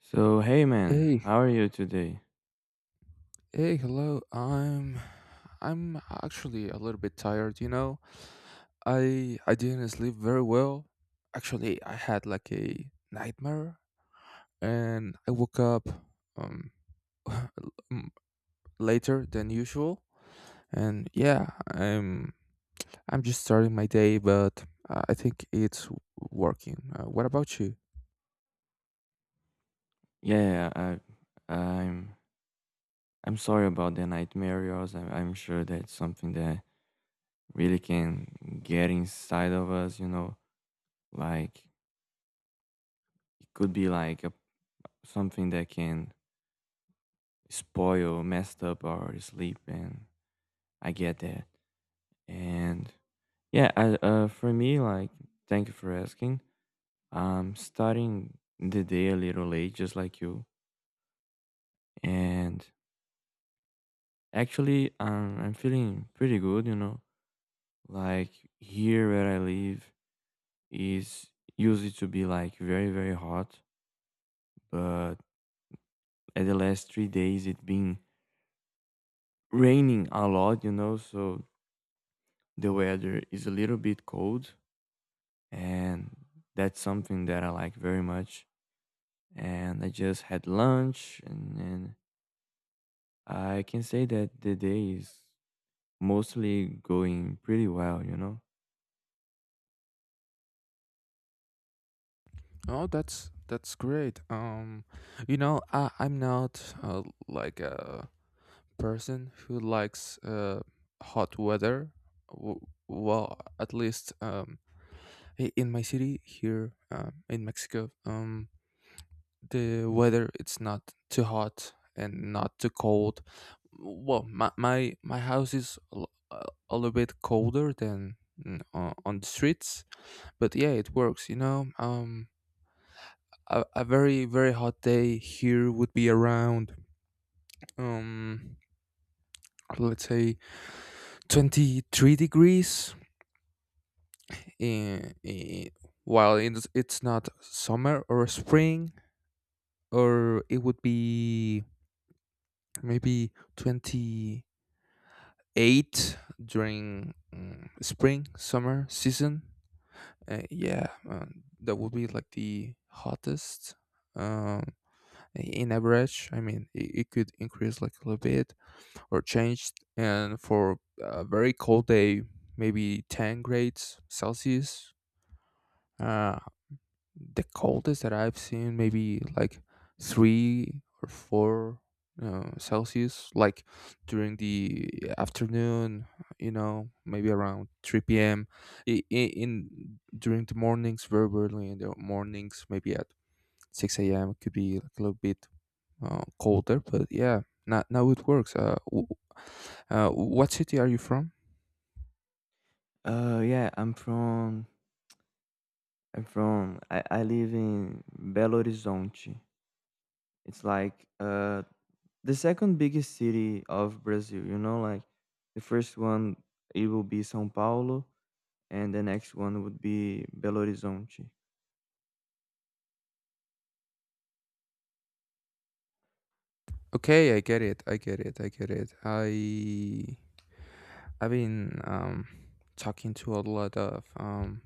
So hey man, Hey, how are you today? hey, hello. I'm actually a little bit tired, you know. I didn't sleep very well. Actually, I had like a nightmare and I woke up um m- later than usual. And yeah, I'm just starting my day, but I think it's working. What about you? Yeah, I, I'm I'm sorry about the nightmare yours. I, I'm sure that's something that really can get inside of us. You know, like it could be like something that can spoil, messed up our sleep, and I get that. And yeah, for me, like thank you for asking. I'm starting the day a little late, just like you, and actually, I'm feeling pretty good, you know. Like here where I live is usually to be like very, very hot, but at the last 3 days it been raining a lot, so the weather is a little bit cold, and that's something that I like very much. And I just had lunch, and I can say that the day is mostly going pretty well, you know. Oh, that's great. You know, I'm not like a person who likes hot weather. W- Well, at least in my city here in Mexico, the weather it's not too hot and not too cold. Well, my house is a little bit colder than on the streets, but yeah, it works. You know, a very very hot day here would be around um, let's say 23 degrees in while it's not summer or spring or it would be maybe 28 during spring summer season yeah that would be like the hottest um, in average. I mean it could increase like a little bit or change, and for a very cold day maybe 10 grades celsius. uh, the coldest that I've seen, maybe like three or four Celsius, like during the afternoon, you know, maybe around 3 p.m. In, during the mornings, very early in the mornings, maybe at 6 a.m. It could be like a little bit colder, but yeah, now it works. What city are you from? Uh yeah, I'm from I live in Belo Horizonte. It's like the second biggest city of Brazil, you know. Like the first one, it will be São Paulo, and the next one would be Belo Horizonte. Okay, I get it. I get it. I get it. I've been talking to a lot of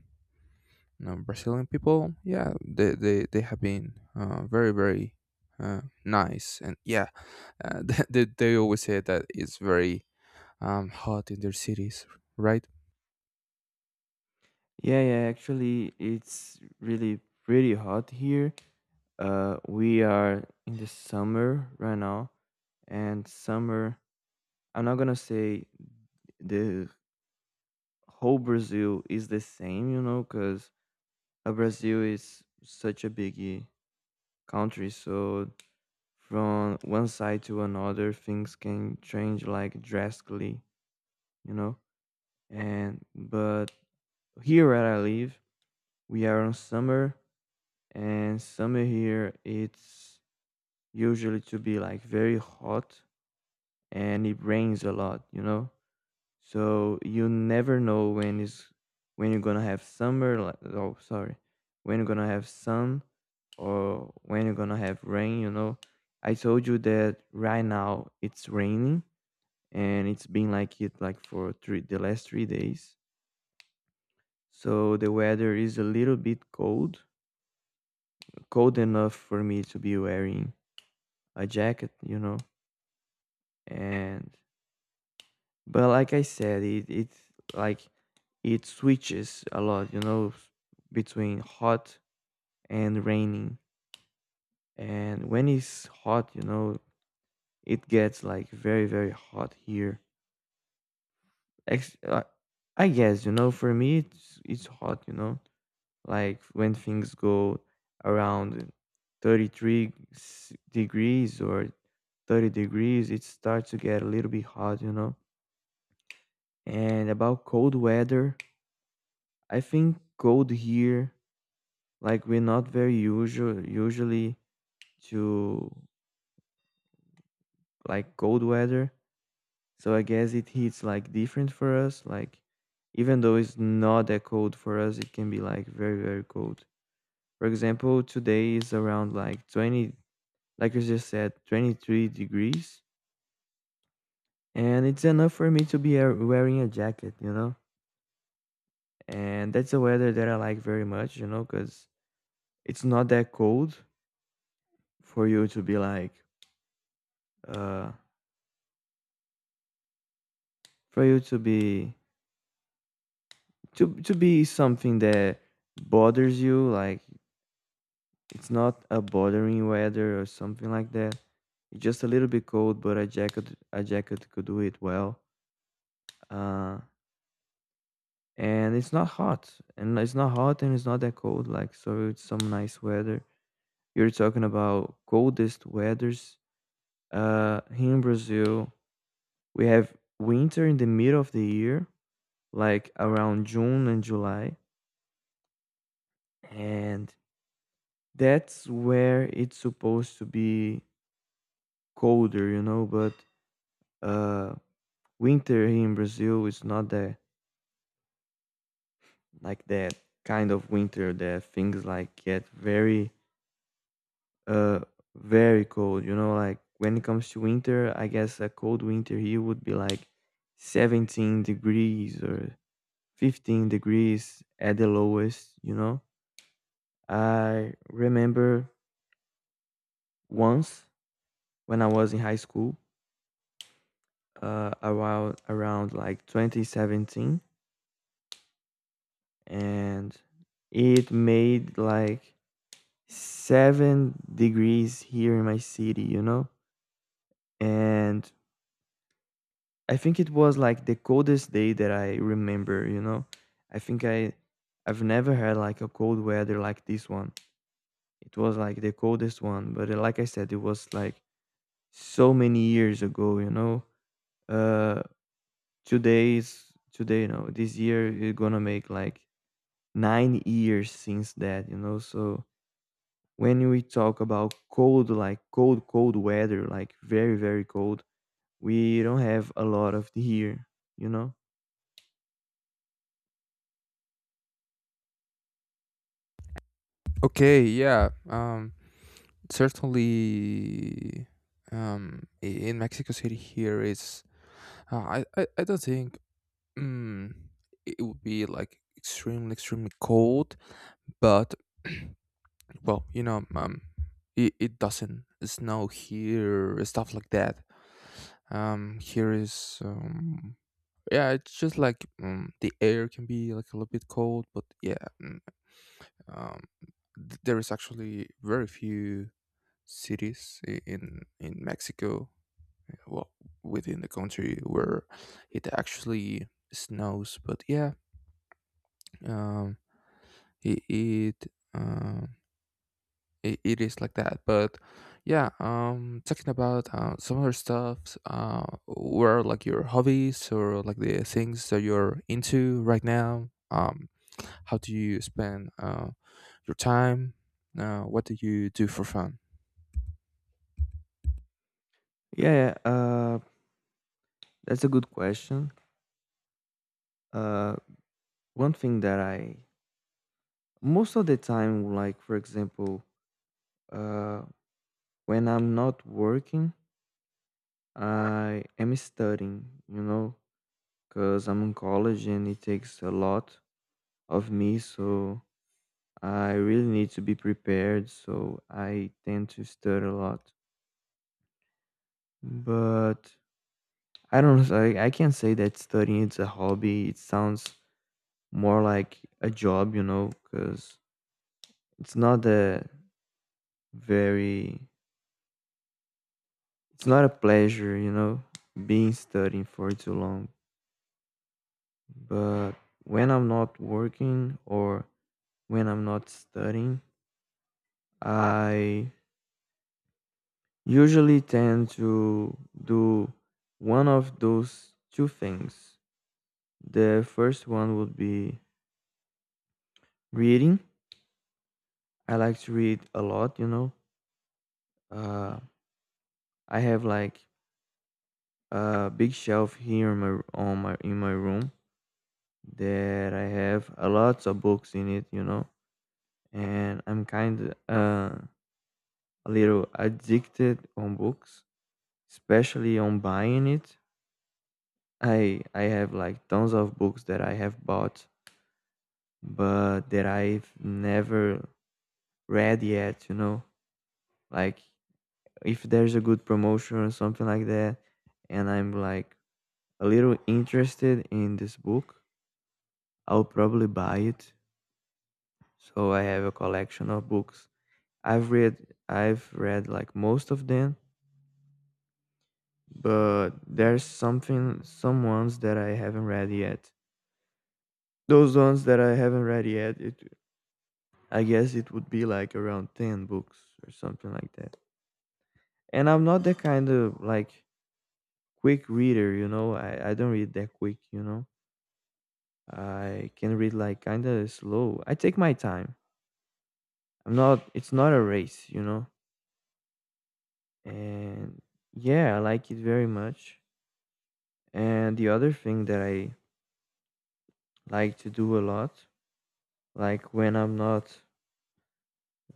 know, Brazilian people, yeah, they have been very very nice, and yeah, they always say that it's very hot in their cities, right? Yeah, yeah, actually it's really pretty hot here. We are in the summer right now, and summer I'm not going to say the whole Brazil is the same, you know, cuz Brazil is such a big country, so from one side to another, things can change like drastically, you know. And but here where I live, we are on summer, and summer here it's usually to be like very hot, and it rains a lot, you know. So you never know when is when you're gonna have summer. Like- Oh, sorry, when you're gonna have sun or when you're gonna have rain. You know, I told you that right now it's raining, and it's been like it like for three the last 3 days. So the weather is a little bit cold, cold enough for me to be wearing a jacket. You know, and but like I said, it it's like it switches a lot, between hot and raining. And when it's hot, you know, it gets like very, very hot here. Ex- uh, I guess, you know, for me, it's hot, you know, like when things go around degrees or 30 degrees, it starts to get a little bit hot, you know. And about cold weather, I think cold here, like, we're not very usually to like cold weather. So I guess it hits like different for us. Like even though it's not that cold for us, it can be like very, very cold. For example, today is around like 20, like you just said, 23 degrees. And it's enough for me to be wearing a jacket, you know? And that's a weather that I like very much, you know, because it's not that cold for you to be like, uh, for you to be something that bothers you. Like, it's not a bothering weather or something like that. It's just a little bit cold, but a jacket could do it well. uh and it's not hot, and it's not that cold, like, so it's some nice weather. You're talking about coldest weathers. Here in Brazil we have winter in the middle of the year, like around June and July, and that's where it's supposed to be colder, you know. But uh winter here in Brazil is not that, like, that kind of winter that things like get uh very cold, you know. Like when it comes to winter, I guess a cold winter here would be like 17 degrees or 15 degrees at the lowest, you know. I remember once when I was in high school around like 2017, and it made like 7 degrees here in my city, you know. And I think it was like the coldest day that I remember, you know. I think I I've never had like a cold weather like this one. It was like the coldest one, but like I said, it was like so many years ago, you know. uh Today is today, you know. This year is gonna make like 9 years since that, you know. So when we talk about cold, like cold, cold weather, like very, very cold, we don't have a lot of the here, you know. Okay, yeah, certainly. In Mexico City, here is I don't think mm, it would be like extremely extremely cold, but well, you know, it doesn't snow here, stuff like that. Here is, yeah, it's just like the air can be like a little bit cold, but yeah, mm, um, there is actually very few cities in Mexico, well, within the country where it actually snows. But yeah, um, it, it um, it is like that. But yeah, talking about some other stuff, were like your hobbies or like the things that you're into right now, how do you spend your time, what do you do for fun? Yeah, yeah, that's a good question. Uh, one thing that I, most of the time, like for example, uh, when I'm not working, I am studying, you know, because I'm in college and it takes a lot of me. So I really need to be prepared, so I tend to study a lot. But I don't I can't say that studying it's a hobby. It sounds more like a job, you know, because it's not a very, it's not a pleasure, you know, being studying for too long. But when I'm not working or when I'm not studying, I usually tend to do one of those two things. The first one would be reading. I like to read a lot, you know. Uh, I have like a big shelf here in my room that I have a lot of books in it, you know. And I'm kind of a little addicted on books, especially on buying it. I have like tons of books that I have bought, but that I've never read yet, you know? Like if there's a good promotion or something like that and I'm like a little interested in this book, I'll probably buy it. So I have a collection of books. I've read like most of them, but there's some ones that I haven't read yet. Those ones that I haven't read yet, it I guess it would be like around 10 books or something like that. And I'm not the kind of like quick reader, you know. I don't read that quick, you know. I can read like kind of slow. I take my time. I'm not. It's not a race, you know. And yeah, I like it very much. And the other thing that I like to do a lot, like when I'm not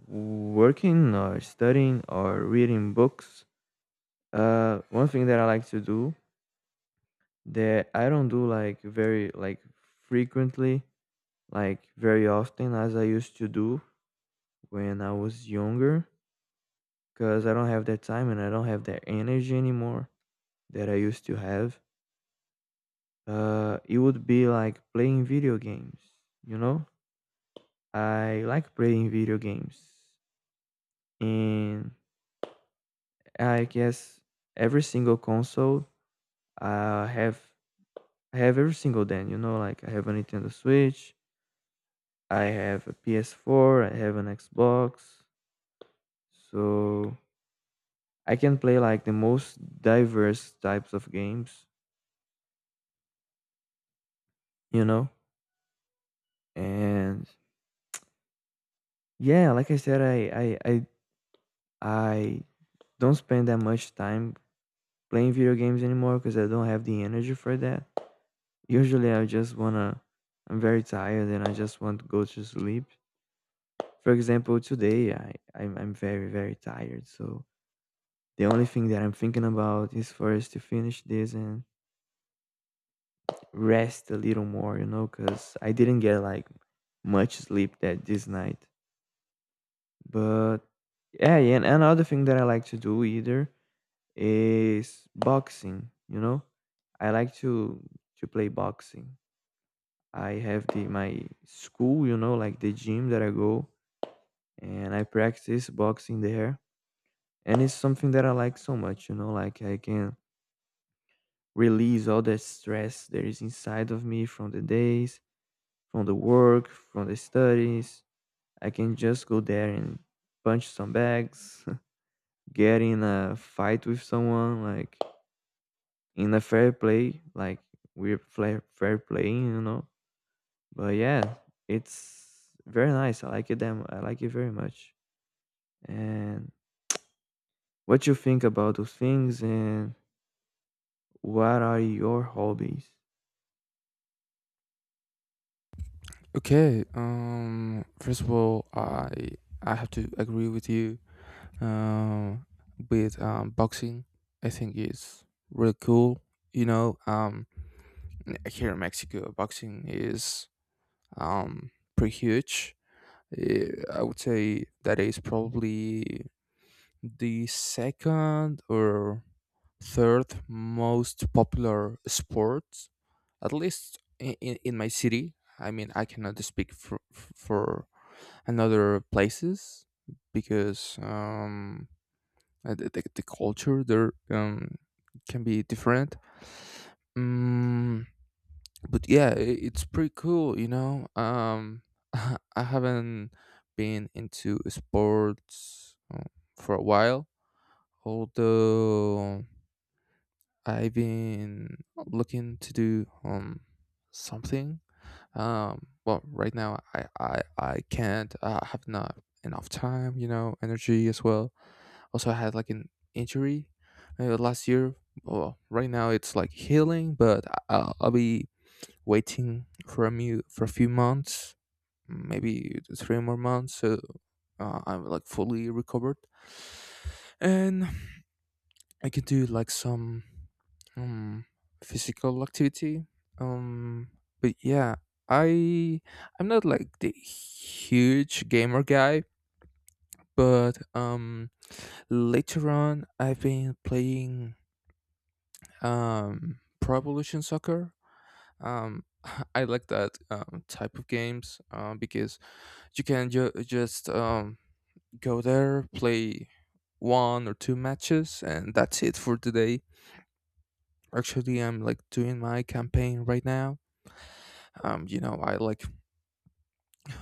working or studying or reading books, one thing that I like to do that I don't do like very like frequently, like very often as I used to do when I was younger, because I don't have that time and I don't have that energy anymore that I used to have. It would be like playing video games, you know? I like playing video games. And I guess every single console I have I have every single then, you know. Like I have a Nintendo Switch, I have a PS4, I have an Xbox. So I can play like the most diverse types of games, you know? And yeah, like I said, I don't spend that much time playing video games anymore because I don't have the energy for that. Usually I just wanna I'm very tired and I just want to go to sleep. For example, today I'm very very tired, so the only thing that I'm thinking about is first to finish this and rest a little more, you know, because I didn't get like much sleep that this night. But yeah, and another thing that I like to do either is boxing, you know. I like to play boxing. I have the my school, you know, like the gym that I go, and I practice boxing there. And it's something that I like so much, you know. Like I can release all the stress that is inside of me from the days, from the work, from the studies. I can just go there and punch some bags, get in a fight with someone, like in a fair play, like we're fair playing, you know. But yeah, it's very nice. I like it them. I like it very much. And what you think about those things and what are your hobbies? Okay, first of all, I have to agree with you um with boxing. I think is really cool, you know. Here in Mexico, boxing is um, pretty huge. Eh, I would say that is probably the second or third most popular sport, at least in my city. I mean, I cannot speak for another places because the culture there can be different. Mm but yeah, it's pretty cool, you know. I haven't been into sports for a while, although I've been looking to do something. Well, right now I can't, I have not enough time, you know, energy as well. Also, I had like an injury last year. Well, right now it's like healing, but I'll be waiting for a for a few months, maybe three more months. So I'm like fully recovered, and I can do like some um, physical activity. Um, but yeah, I I'm not like the huge gamer guy, but later on I've been playing Pro Evolution Soccer. Um, I like that type of games, because you can just go there, play one or two matches, and that's it for today. Actually, I'm like doing my campaign right now. You know, I like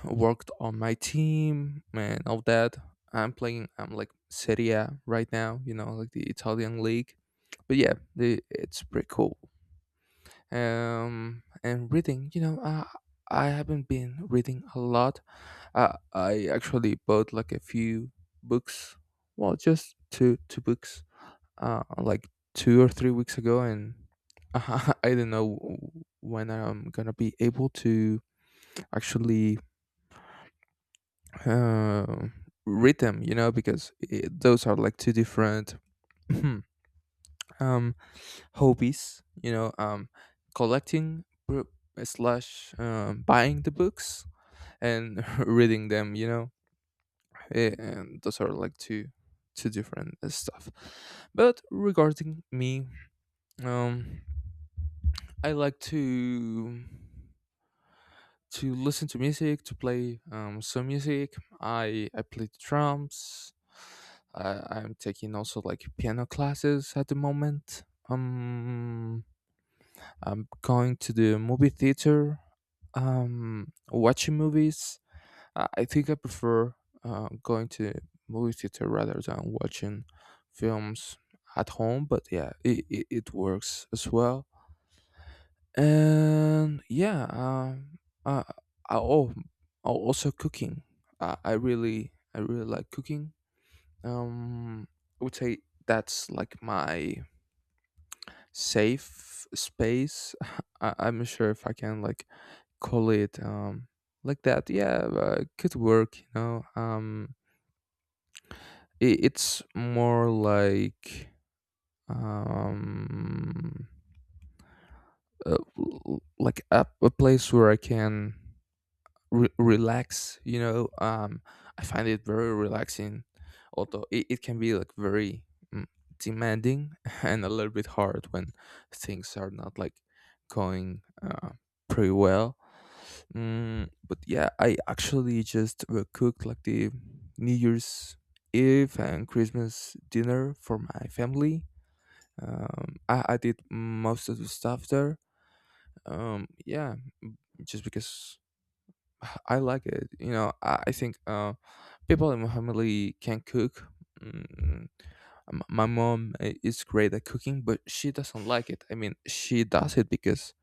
worked on my team and all that. I'm playing. I'm like Serie A right now. You know, like the Italian league. But yeah, it's pretty cool. And reading. You know, I haven't been reading a lot. I actually bought like a few books, well, just two books, like 2 or 3 weeks ago, and I don't know when I'm gonna be able to actually uh, read them, you know, because I those are like two different um hobbies, you know, collecting slash buying the books and reading them, you know. Eh, and those are like two different stuff. But regarding me, um I like to listen to music, to play some music. I play the drums. I'm taking also like piano classes at the moment. um I'm going to the movie theater, watching movies. I think I prefer going to movie theater rather than watching films at home. But yeah, it works as well. And yeah, uh, I, oh, oh, also cooking. I really like cooking. Um, I would say that's like my safe space. I'm not sure if I can like call it like that. Yeah, could work. You know, it's more like um like a place where I can relax, you know. I find it very relaxing, although it can be like very mm, demanding and a little bit hard when things are not like going pretty well. But yeah, I actually just cooked like the new year's eve and christmas dinner for my family. I did most of the stuff there, yeah, just because I like it. You know, I think people in my family can cook. Mm, my mom is great at cooking, but she doesn't like it. I mean, she does it because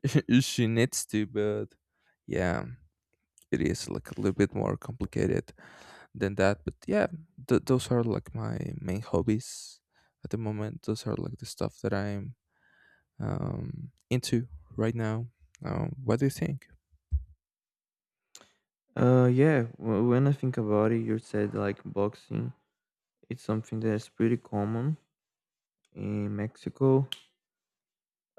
she needs to, but yeah, it is like a little bit more complicated than that. But yeah, those are like my main hobbies at the moment. Those are like the stuff that I'm into right now. What do you think? When I think about it, you said like boxing. It's something that's pretty common in Mexico.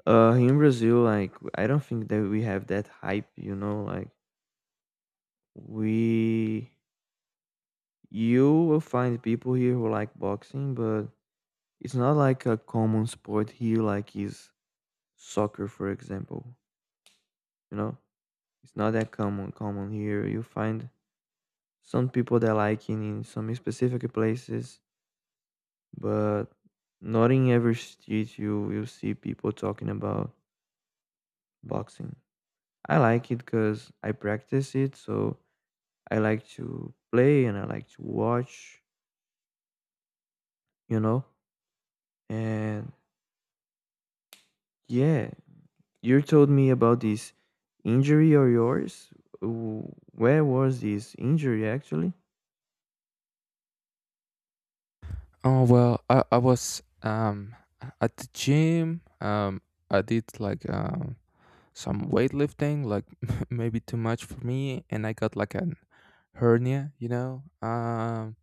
In Brazil, like I don't think that we have that hype, you know. We, you will find people here who like boxing, but it's not like a common sport here, like is soccer, for example. You know, it's not that common common here. You find some people that like it in some specific places, but not in every street you will see people talking about boxing. I like it because I practice it, so I like to play and I like to watch, you know? And yeah, you told me about this injury or yours. Where was this injury actually? Oh well, I was at the gym. I did like some weightlifting, like maybe too much for me, and I got like an hernia. You know,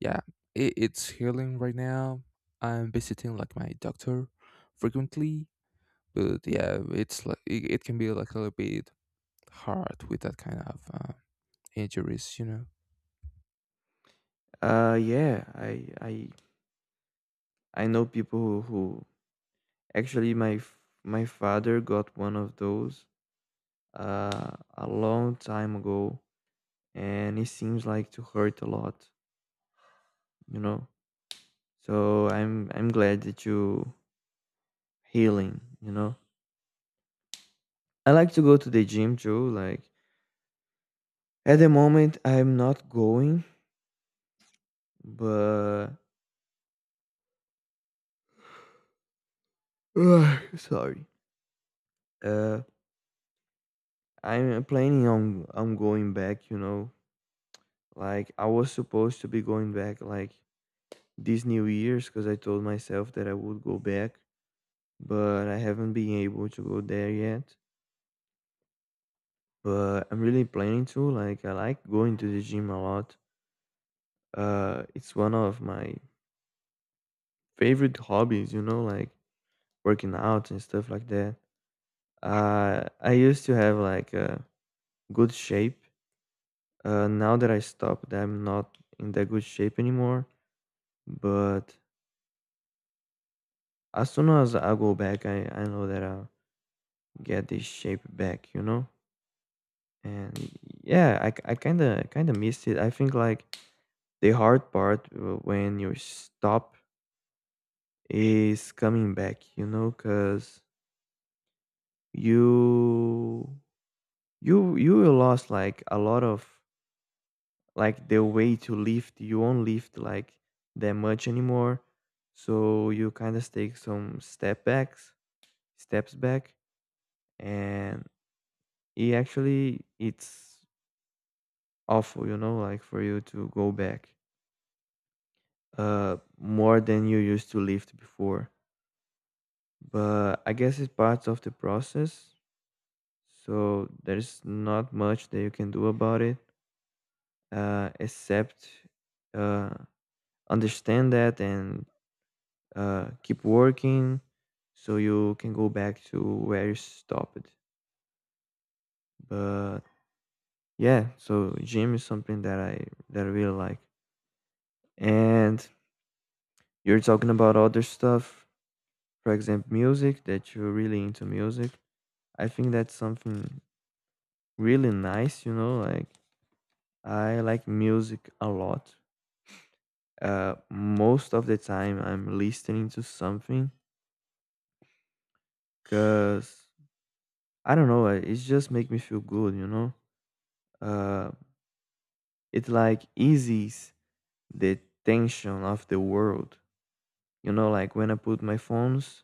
yeah, it's healing right now. I'm visiting like my doctor frequently, but yeah, it's like it can be like a little bit hard with that kind of injuries. You know. Yeah, I know people who actually my f- my father got one of those a long time ago, and it seems like to hurt a lot, you know? So I'm glad that you healing, you know? I like to go to the gym too. Like at the moment, I'm not going, but sorry. Uh, I'm planning on going back. You know, like I was supposed to be going back like this New Year's because I told myself that I would go back, but I haven't been able to go there yet. But I'm really planning to. Like I like going to the gym a lot. It's one of my favorite hobbies. You know, like working out and stuff like that. I used to have like a good shape. Now that I stopped, I'm not in that good shape anymore. But as soon as I go back, I know that I'll get this shape back, you know? And yeah, I, I kind of missed it. I think like the hard part when you stop is coming back, you know, because you you lost like a lot of like the way to lift, you won't lift like that much anymore, so you kind of take some steps back. And it actually it's awful, you know, like for you to go back more than you used to lift before. But I guess it's part of the process, so there's not much that you can do about it except uh understand that and keep working so you can go back to where you stopped. But yeah, so gym is something that I really like. And you're talking about other stuff, for example, music, that you're really into music. I think that's something really nice, you know, like I like music a lot. Most of the time I'm listening to something because I don't know, it's just make me feel good, you know. Uh, It like eases the tension of the world. You know, like when I put my phones,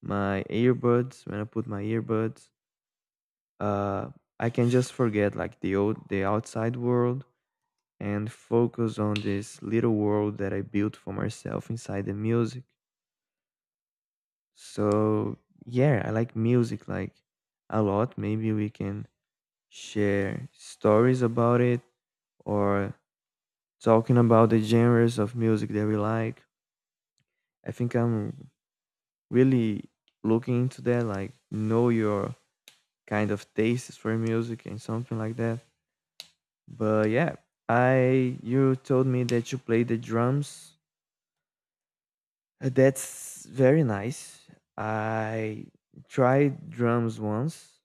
my earbuds, when I put my earbuds, uh, I can just forget like the outside world and focus on this little world that I built for myself inside the music. So yeah, I like music like a lot. Maybe we can share stories about it or talking about the genres of music that we like. I think I'm really looking into that, like know your kind of tastes for music and something like that. But yeah, I you told me that you play the drums. That's very nice. I tried drums once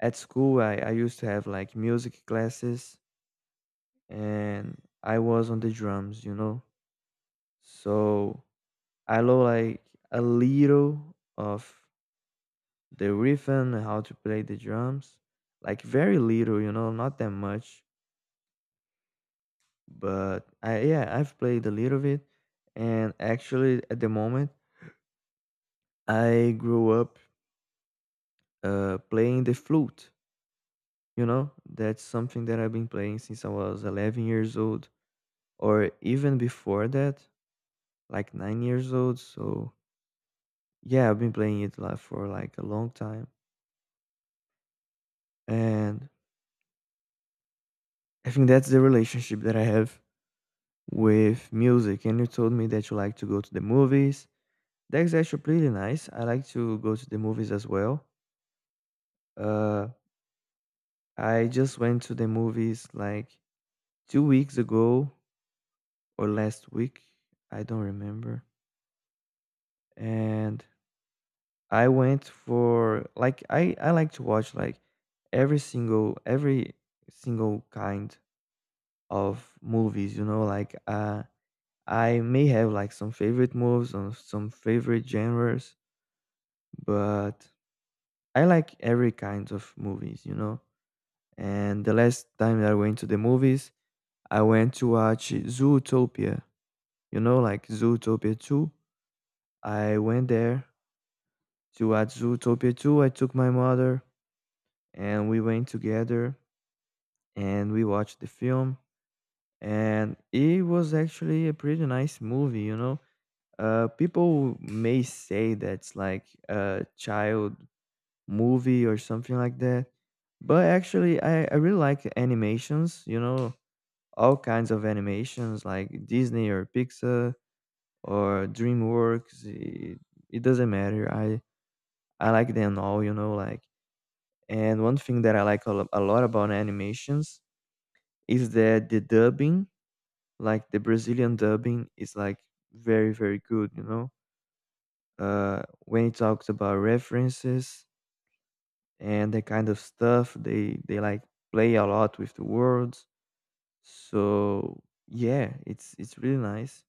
at school. I used to have like music classes, and I was on the drums, you know. So I know like a little of the riff and how to play the drums, like very little, you know, not that much. But I yeah I've played a little bit. And actually at the moment, I grew up playing the flute, you know. That's something that I've been playing since I was 11 years old, or even before that, like 9 years old. So yeah, I've been playing it like for like a long time. And I think that's the relationship that I have with music. And you told me that you like to go to the movies. That's actually pretty nice. I like to go to the movies as well. Uh, I just went to the movies like 2 weeks ago or last week. I don't remember. And I went for like I like to watch like every single kind of movies, you know, like I may have like some favorite movies or some favorite genres, but I like every kind of movies, you know. And the last time that I went to the movies, I went to watch Zootopia, you know, like Zootopia 2. I went there to watch Zootopia 2. I took my mother and we went together and we watched the film. And it was actually a pretty nice movie, you know. People may say that's like a child movie or something like that. But actually, I really like animations, you know, all kinds of animations like Disney or Pixar or DreamWorks. It doesn't matter. I like them all, you know, like. And one thing that I like a lot about animations is that the dubbing, like the Brazilian dubbing, is like very, very good, you know. When it talks about references, and that kind of stuff, they like play a lot with the words. So yeah, it's really nice.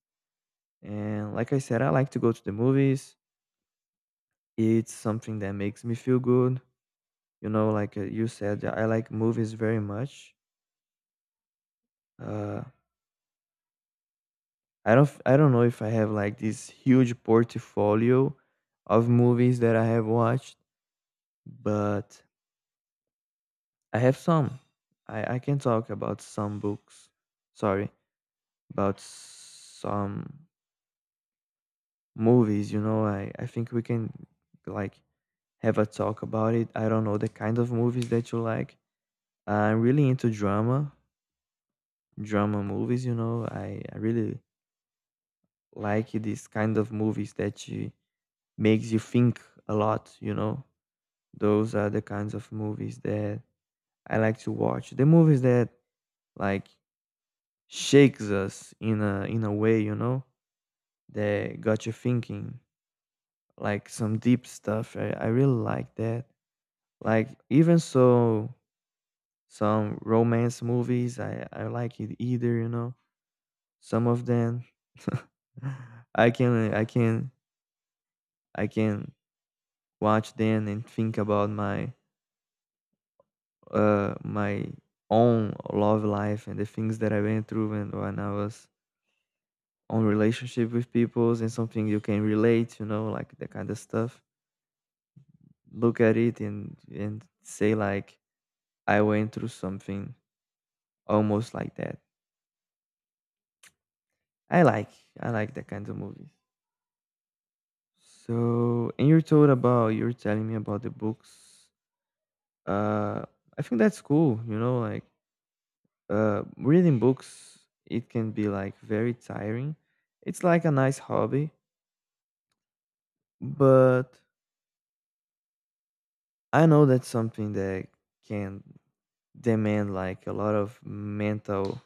And like I said, I like to go to the movies. It's something that makes me feel good. You know, like you said, I like movies very much. Uh, I don't know if I have like this huge portfolio of movies that I have watched, but I have some. I can talk about some books. Sorry, about some movies, you know, I think we can, like, have a talk about it. I don't know the kind of movies that you like. I'm really into drama movies, you know. I really like these kind of movies that you makes you think a lot, you know. Those are the kinds of movies that I like to watch. The movies that, like, shakes us in a way, you know, that got you thinking, like some deep stuff. I really like that. Like even so, some romance movies I like it either. You know, some of them I can I can I can watch them and think about my my own love life and the things that I went through and when I was on relationship with peoples, and something you can relate, you know, like that kind of stuff. Look at it and say like I went through something almost like that. I like I like that kind of movies. So, and you're told about you're telling me about the books. Uh, I think that's cool. You know, like reading books, it can be like very tiring. It's like a nice hobby, but I know that's something that can demand like a lot of mental,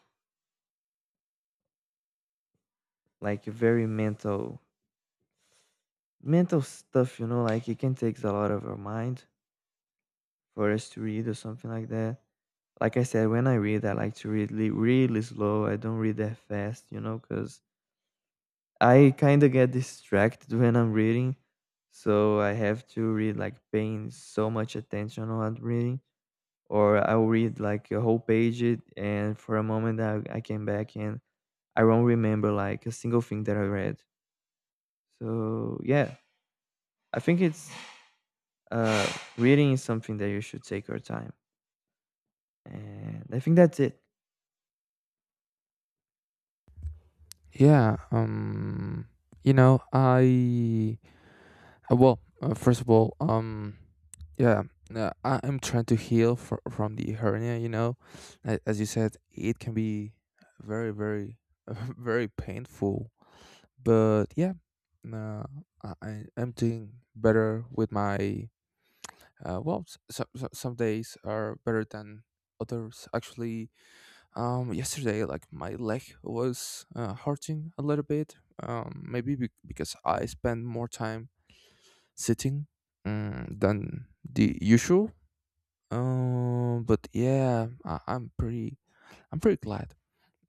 like very mental, mental stuff. You know, like it can take a lot of our mind for us to read or something like that. Like I said, when I read, I like to really slow. I don't read that fast, you know, because I kind of get distracted when I'm reading. So I have to read like paying so much attention on what I'm reading, or I'll read like a whole page it, and for a moment I came back and I won't remember like a single thing that I read. So yeah, I think it's uh, reading is something that you should take your time, and I think that's it. Yeah. You know, I well, first of all, yeah, I am trying to heal from the hernia. You know, as you said, it can be very, very, very painful. But yeah, uh, I am doing better with my. Well, some some days are better than others. Actually, yesterday, like my leg was hurting a little bit. Maybe because I spent more time sitting than the usual. But yeah, I'm pretty glad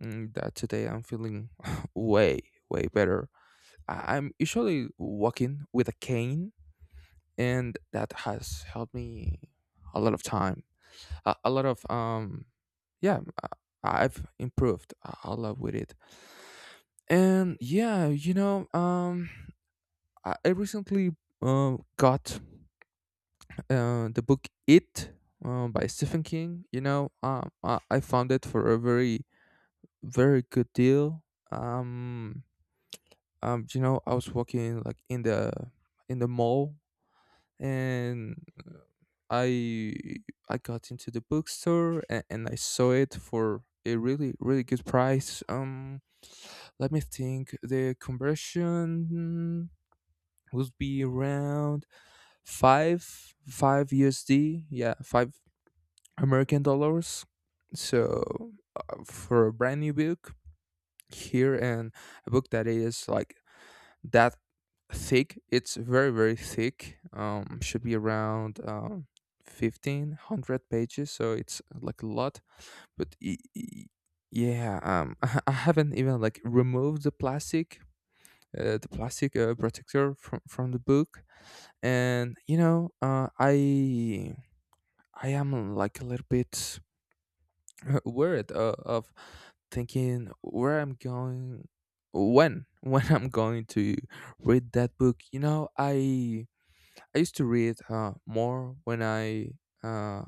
that today I'm feeling way way better. I'm usually walking with a cane, and that has helped me a lot of time, a lot of yeah, I've improved a lot with it. And yeah, you know, I recently got the book It, by Stephen King. You know, I found it for a very, very good deal. Um, you know, I was walking like in the mall, and I I got into the bookstore, and I saw it for a really really good price. Let me think. The conversion would be around five five USD. Yeah, five American dollars. So for a brand new book here, and a book that is like that thick, it's very very thick. Should be around 1,500 pages, so it's like a lot. But yeah, I haven't even like removed the plastic. The plastic protector from the book. And you know, I am like a little bit word of thinking where I'm going, when when I'm going to read that book. You know, I used to read more when I uh,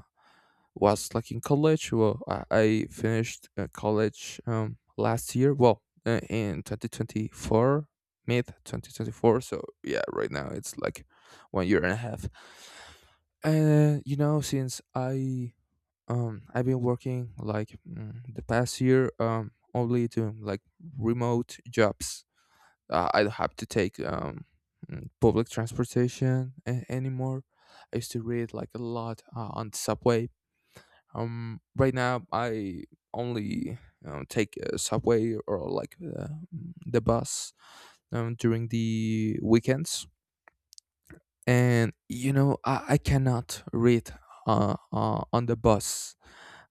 was like in college. Well, I finished college last year. Well, in 2024, mid 2024. So yeah, right now it's like 1 year and a half. And you know, since I I've been working like the past year only doing like remote jobs. I don't have to take public transportation anymore. I used to read like a lot on the subway. Right now I only take a subway or like the bus during the weekends. And you know, I cannot read on the bus.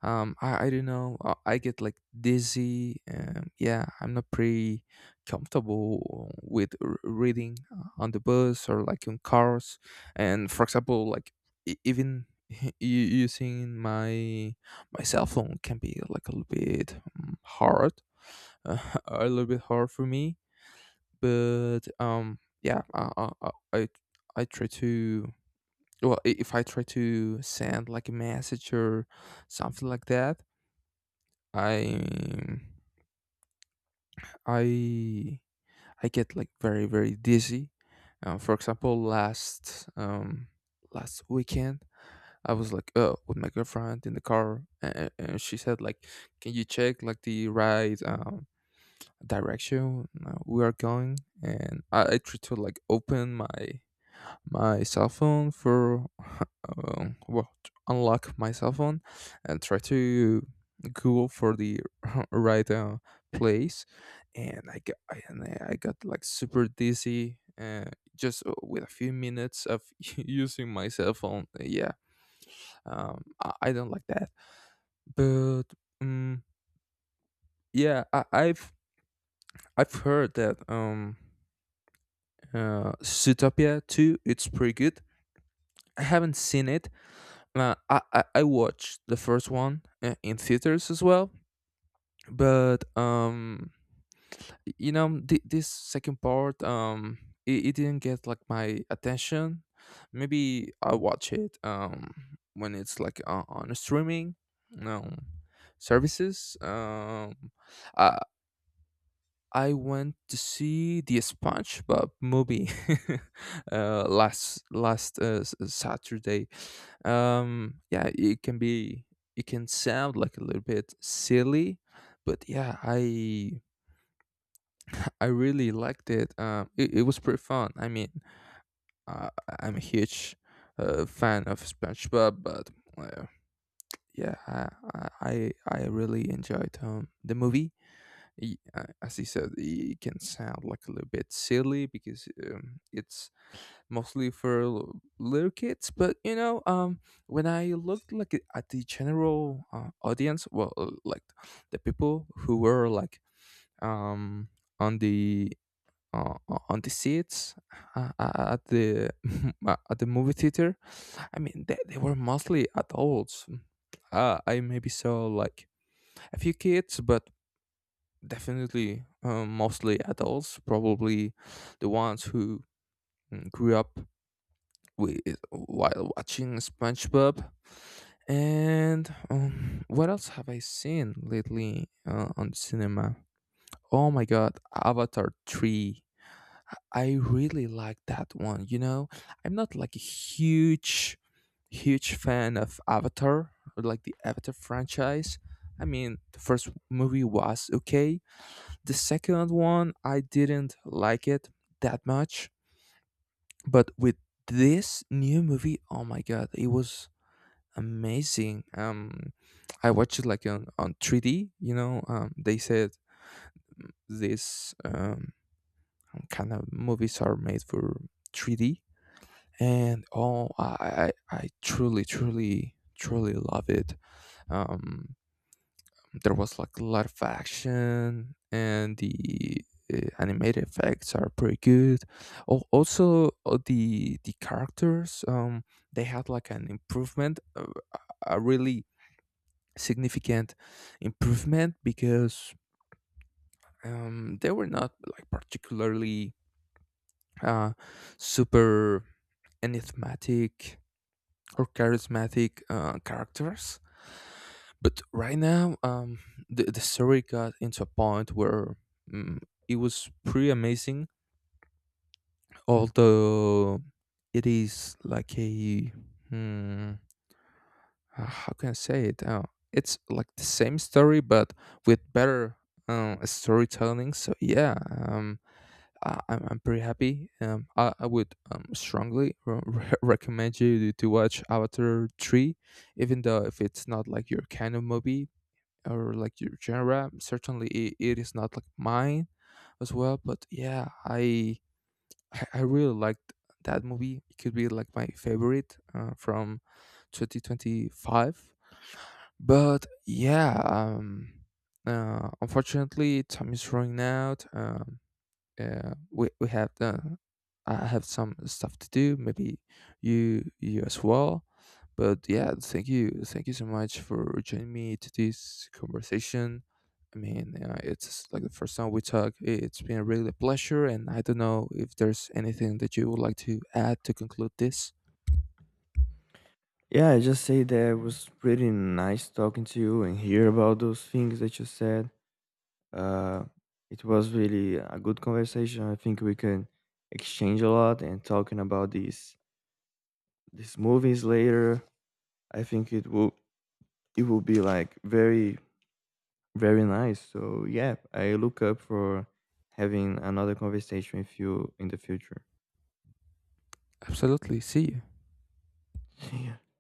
I don't know, I get like dizzy. Yeah, I'm not pretty comfortable with reading on the bus or like in cars. And for example, like even using my my cell phone can be like a little bit hard. A little bit hard for me. But yeah, i, I I try to, well, if I try to send like a message or something like that, I I I get like very very dizzy. For example, last last weekend I was like with my girlfriend in the car, and she said like, "Can you check like the right direction we are going?" And I tried to like open my my cell phone for well, to unlock my cell phone and try to Google for the right place, and I got I, and I I got like super dizzy. Just with a few minutes of using my cell phone, yeah, I don't like that. But um, yeah, I've heard that Zootopia two, it's pretty good. I haven't seen it. I watched the first one in theaters as well, but you know, this second part, it didn't get like my attention. Maybe I'll watch it when it's like on streaming um, services. I I went to see the SpongeBob movie last Saturday. Yeah, it can be, it can sound like a little bit silly, but yeah, I really liked it. It was pretty fun. I mean, uh, I'm a huge fan of SpongeBob, but uh, yeah, I really enjoyed the movie. As he said, it can sound like a little bit silly, because it's mostly for little kids. But you know, when I looked like at the general audience, well, like the people who were like um on the on the seats at the at the movie theater, I mean, they were mostly adults. I maybe saw like a few kids, but definitely mostly adults. Probably the ones who grew up wi- while watching SpongeBob. And what else have I seen lately on cinema? Oh my god, Avatar 3. I really like that one. You know, I'm not like a huge, huge fan of Avatar, or like the Avatar franchise. I mean, the first movie was okay. The second one, I didn't like it that much. But with this new movie, oh my god, it was amazing. I watched it like on 3D. You know, they said these kind of movies are made for 3D, and oh, I truly, truly, truly love it. Um, there was like a lot of action, and the animated effects are pretty good. Oh, also the characters, they had like an improvement, a really significant improvement, because they were not like particularly uh, super enigmatic or charismatic characters. But right now, the story got into a point where mm it was pretty amazing, although it is like a. hmm, how can I say it? It's like the same story, but with better storytelling. So yeah, um, I'm pretty happy. I would strongly recommend you to watch Avatar three, even though if it's not like your kind of movie or like your genre. Certainly it is not like mine as well. But yeah, I really liked that movie. It could be like my favorite from 2025. But yeah, unfortunately, time is running out. We have I have some stuff to do. Maybe you as well. But yeah, thank you so much for joining me to this conversation. I mean, it's like the first time we talk. It's been really a pleasure, and I don't know if there's anything that you would like to add to conclude this. Yeah, I just say that it was pretty nice talking to you and hear about those things that you said. Uh, it was really a good conversation. I think we can exchange a lot and talking about these movies later. I think it will be like very very nice. So yeah, I look up for having another conversation with you in the future. Absolutely. See you.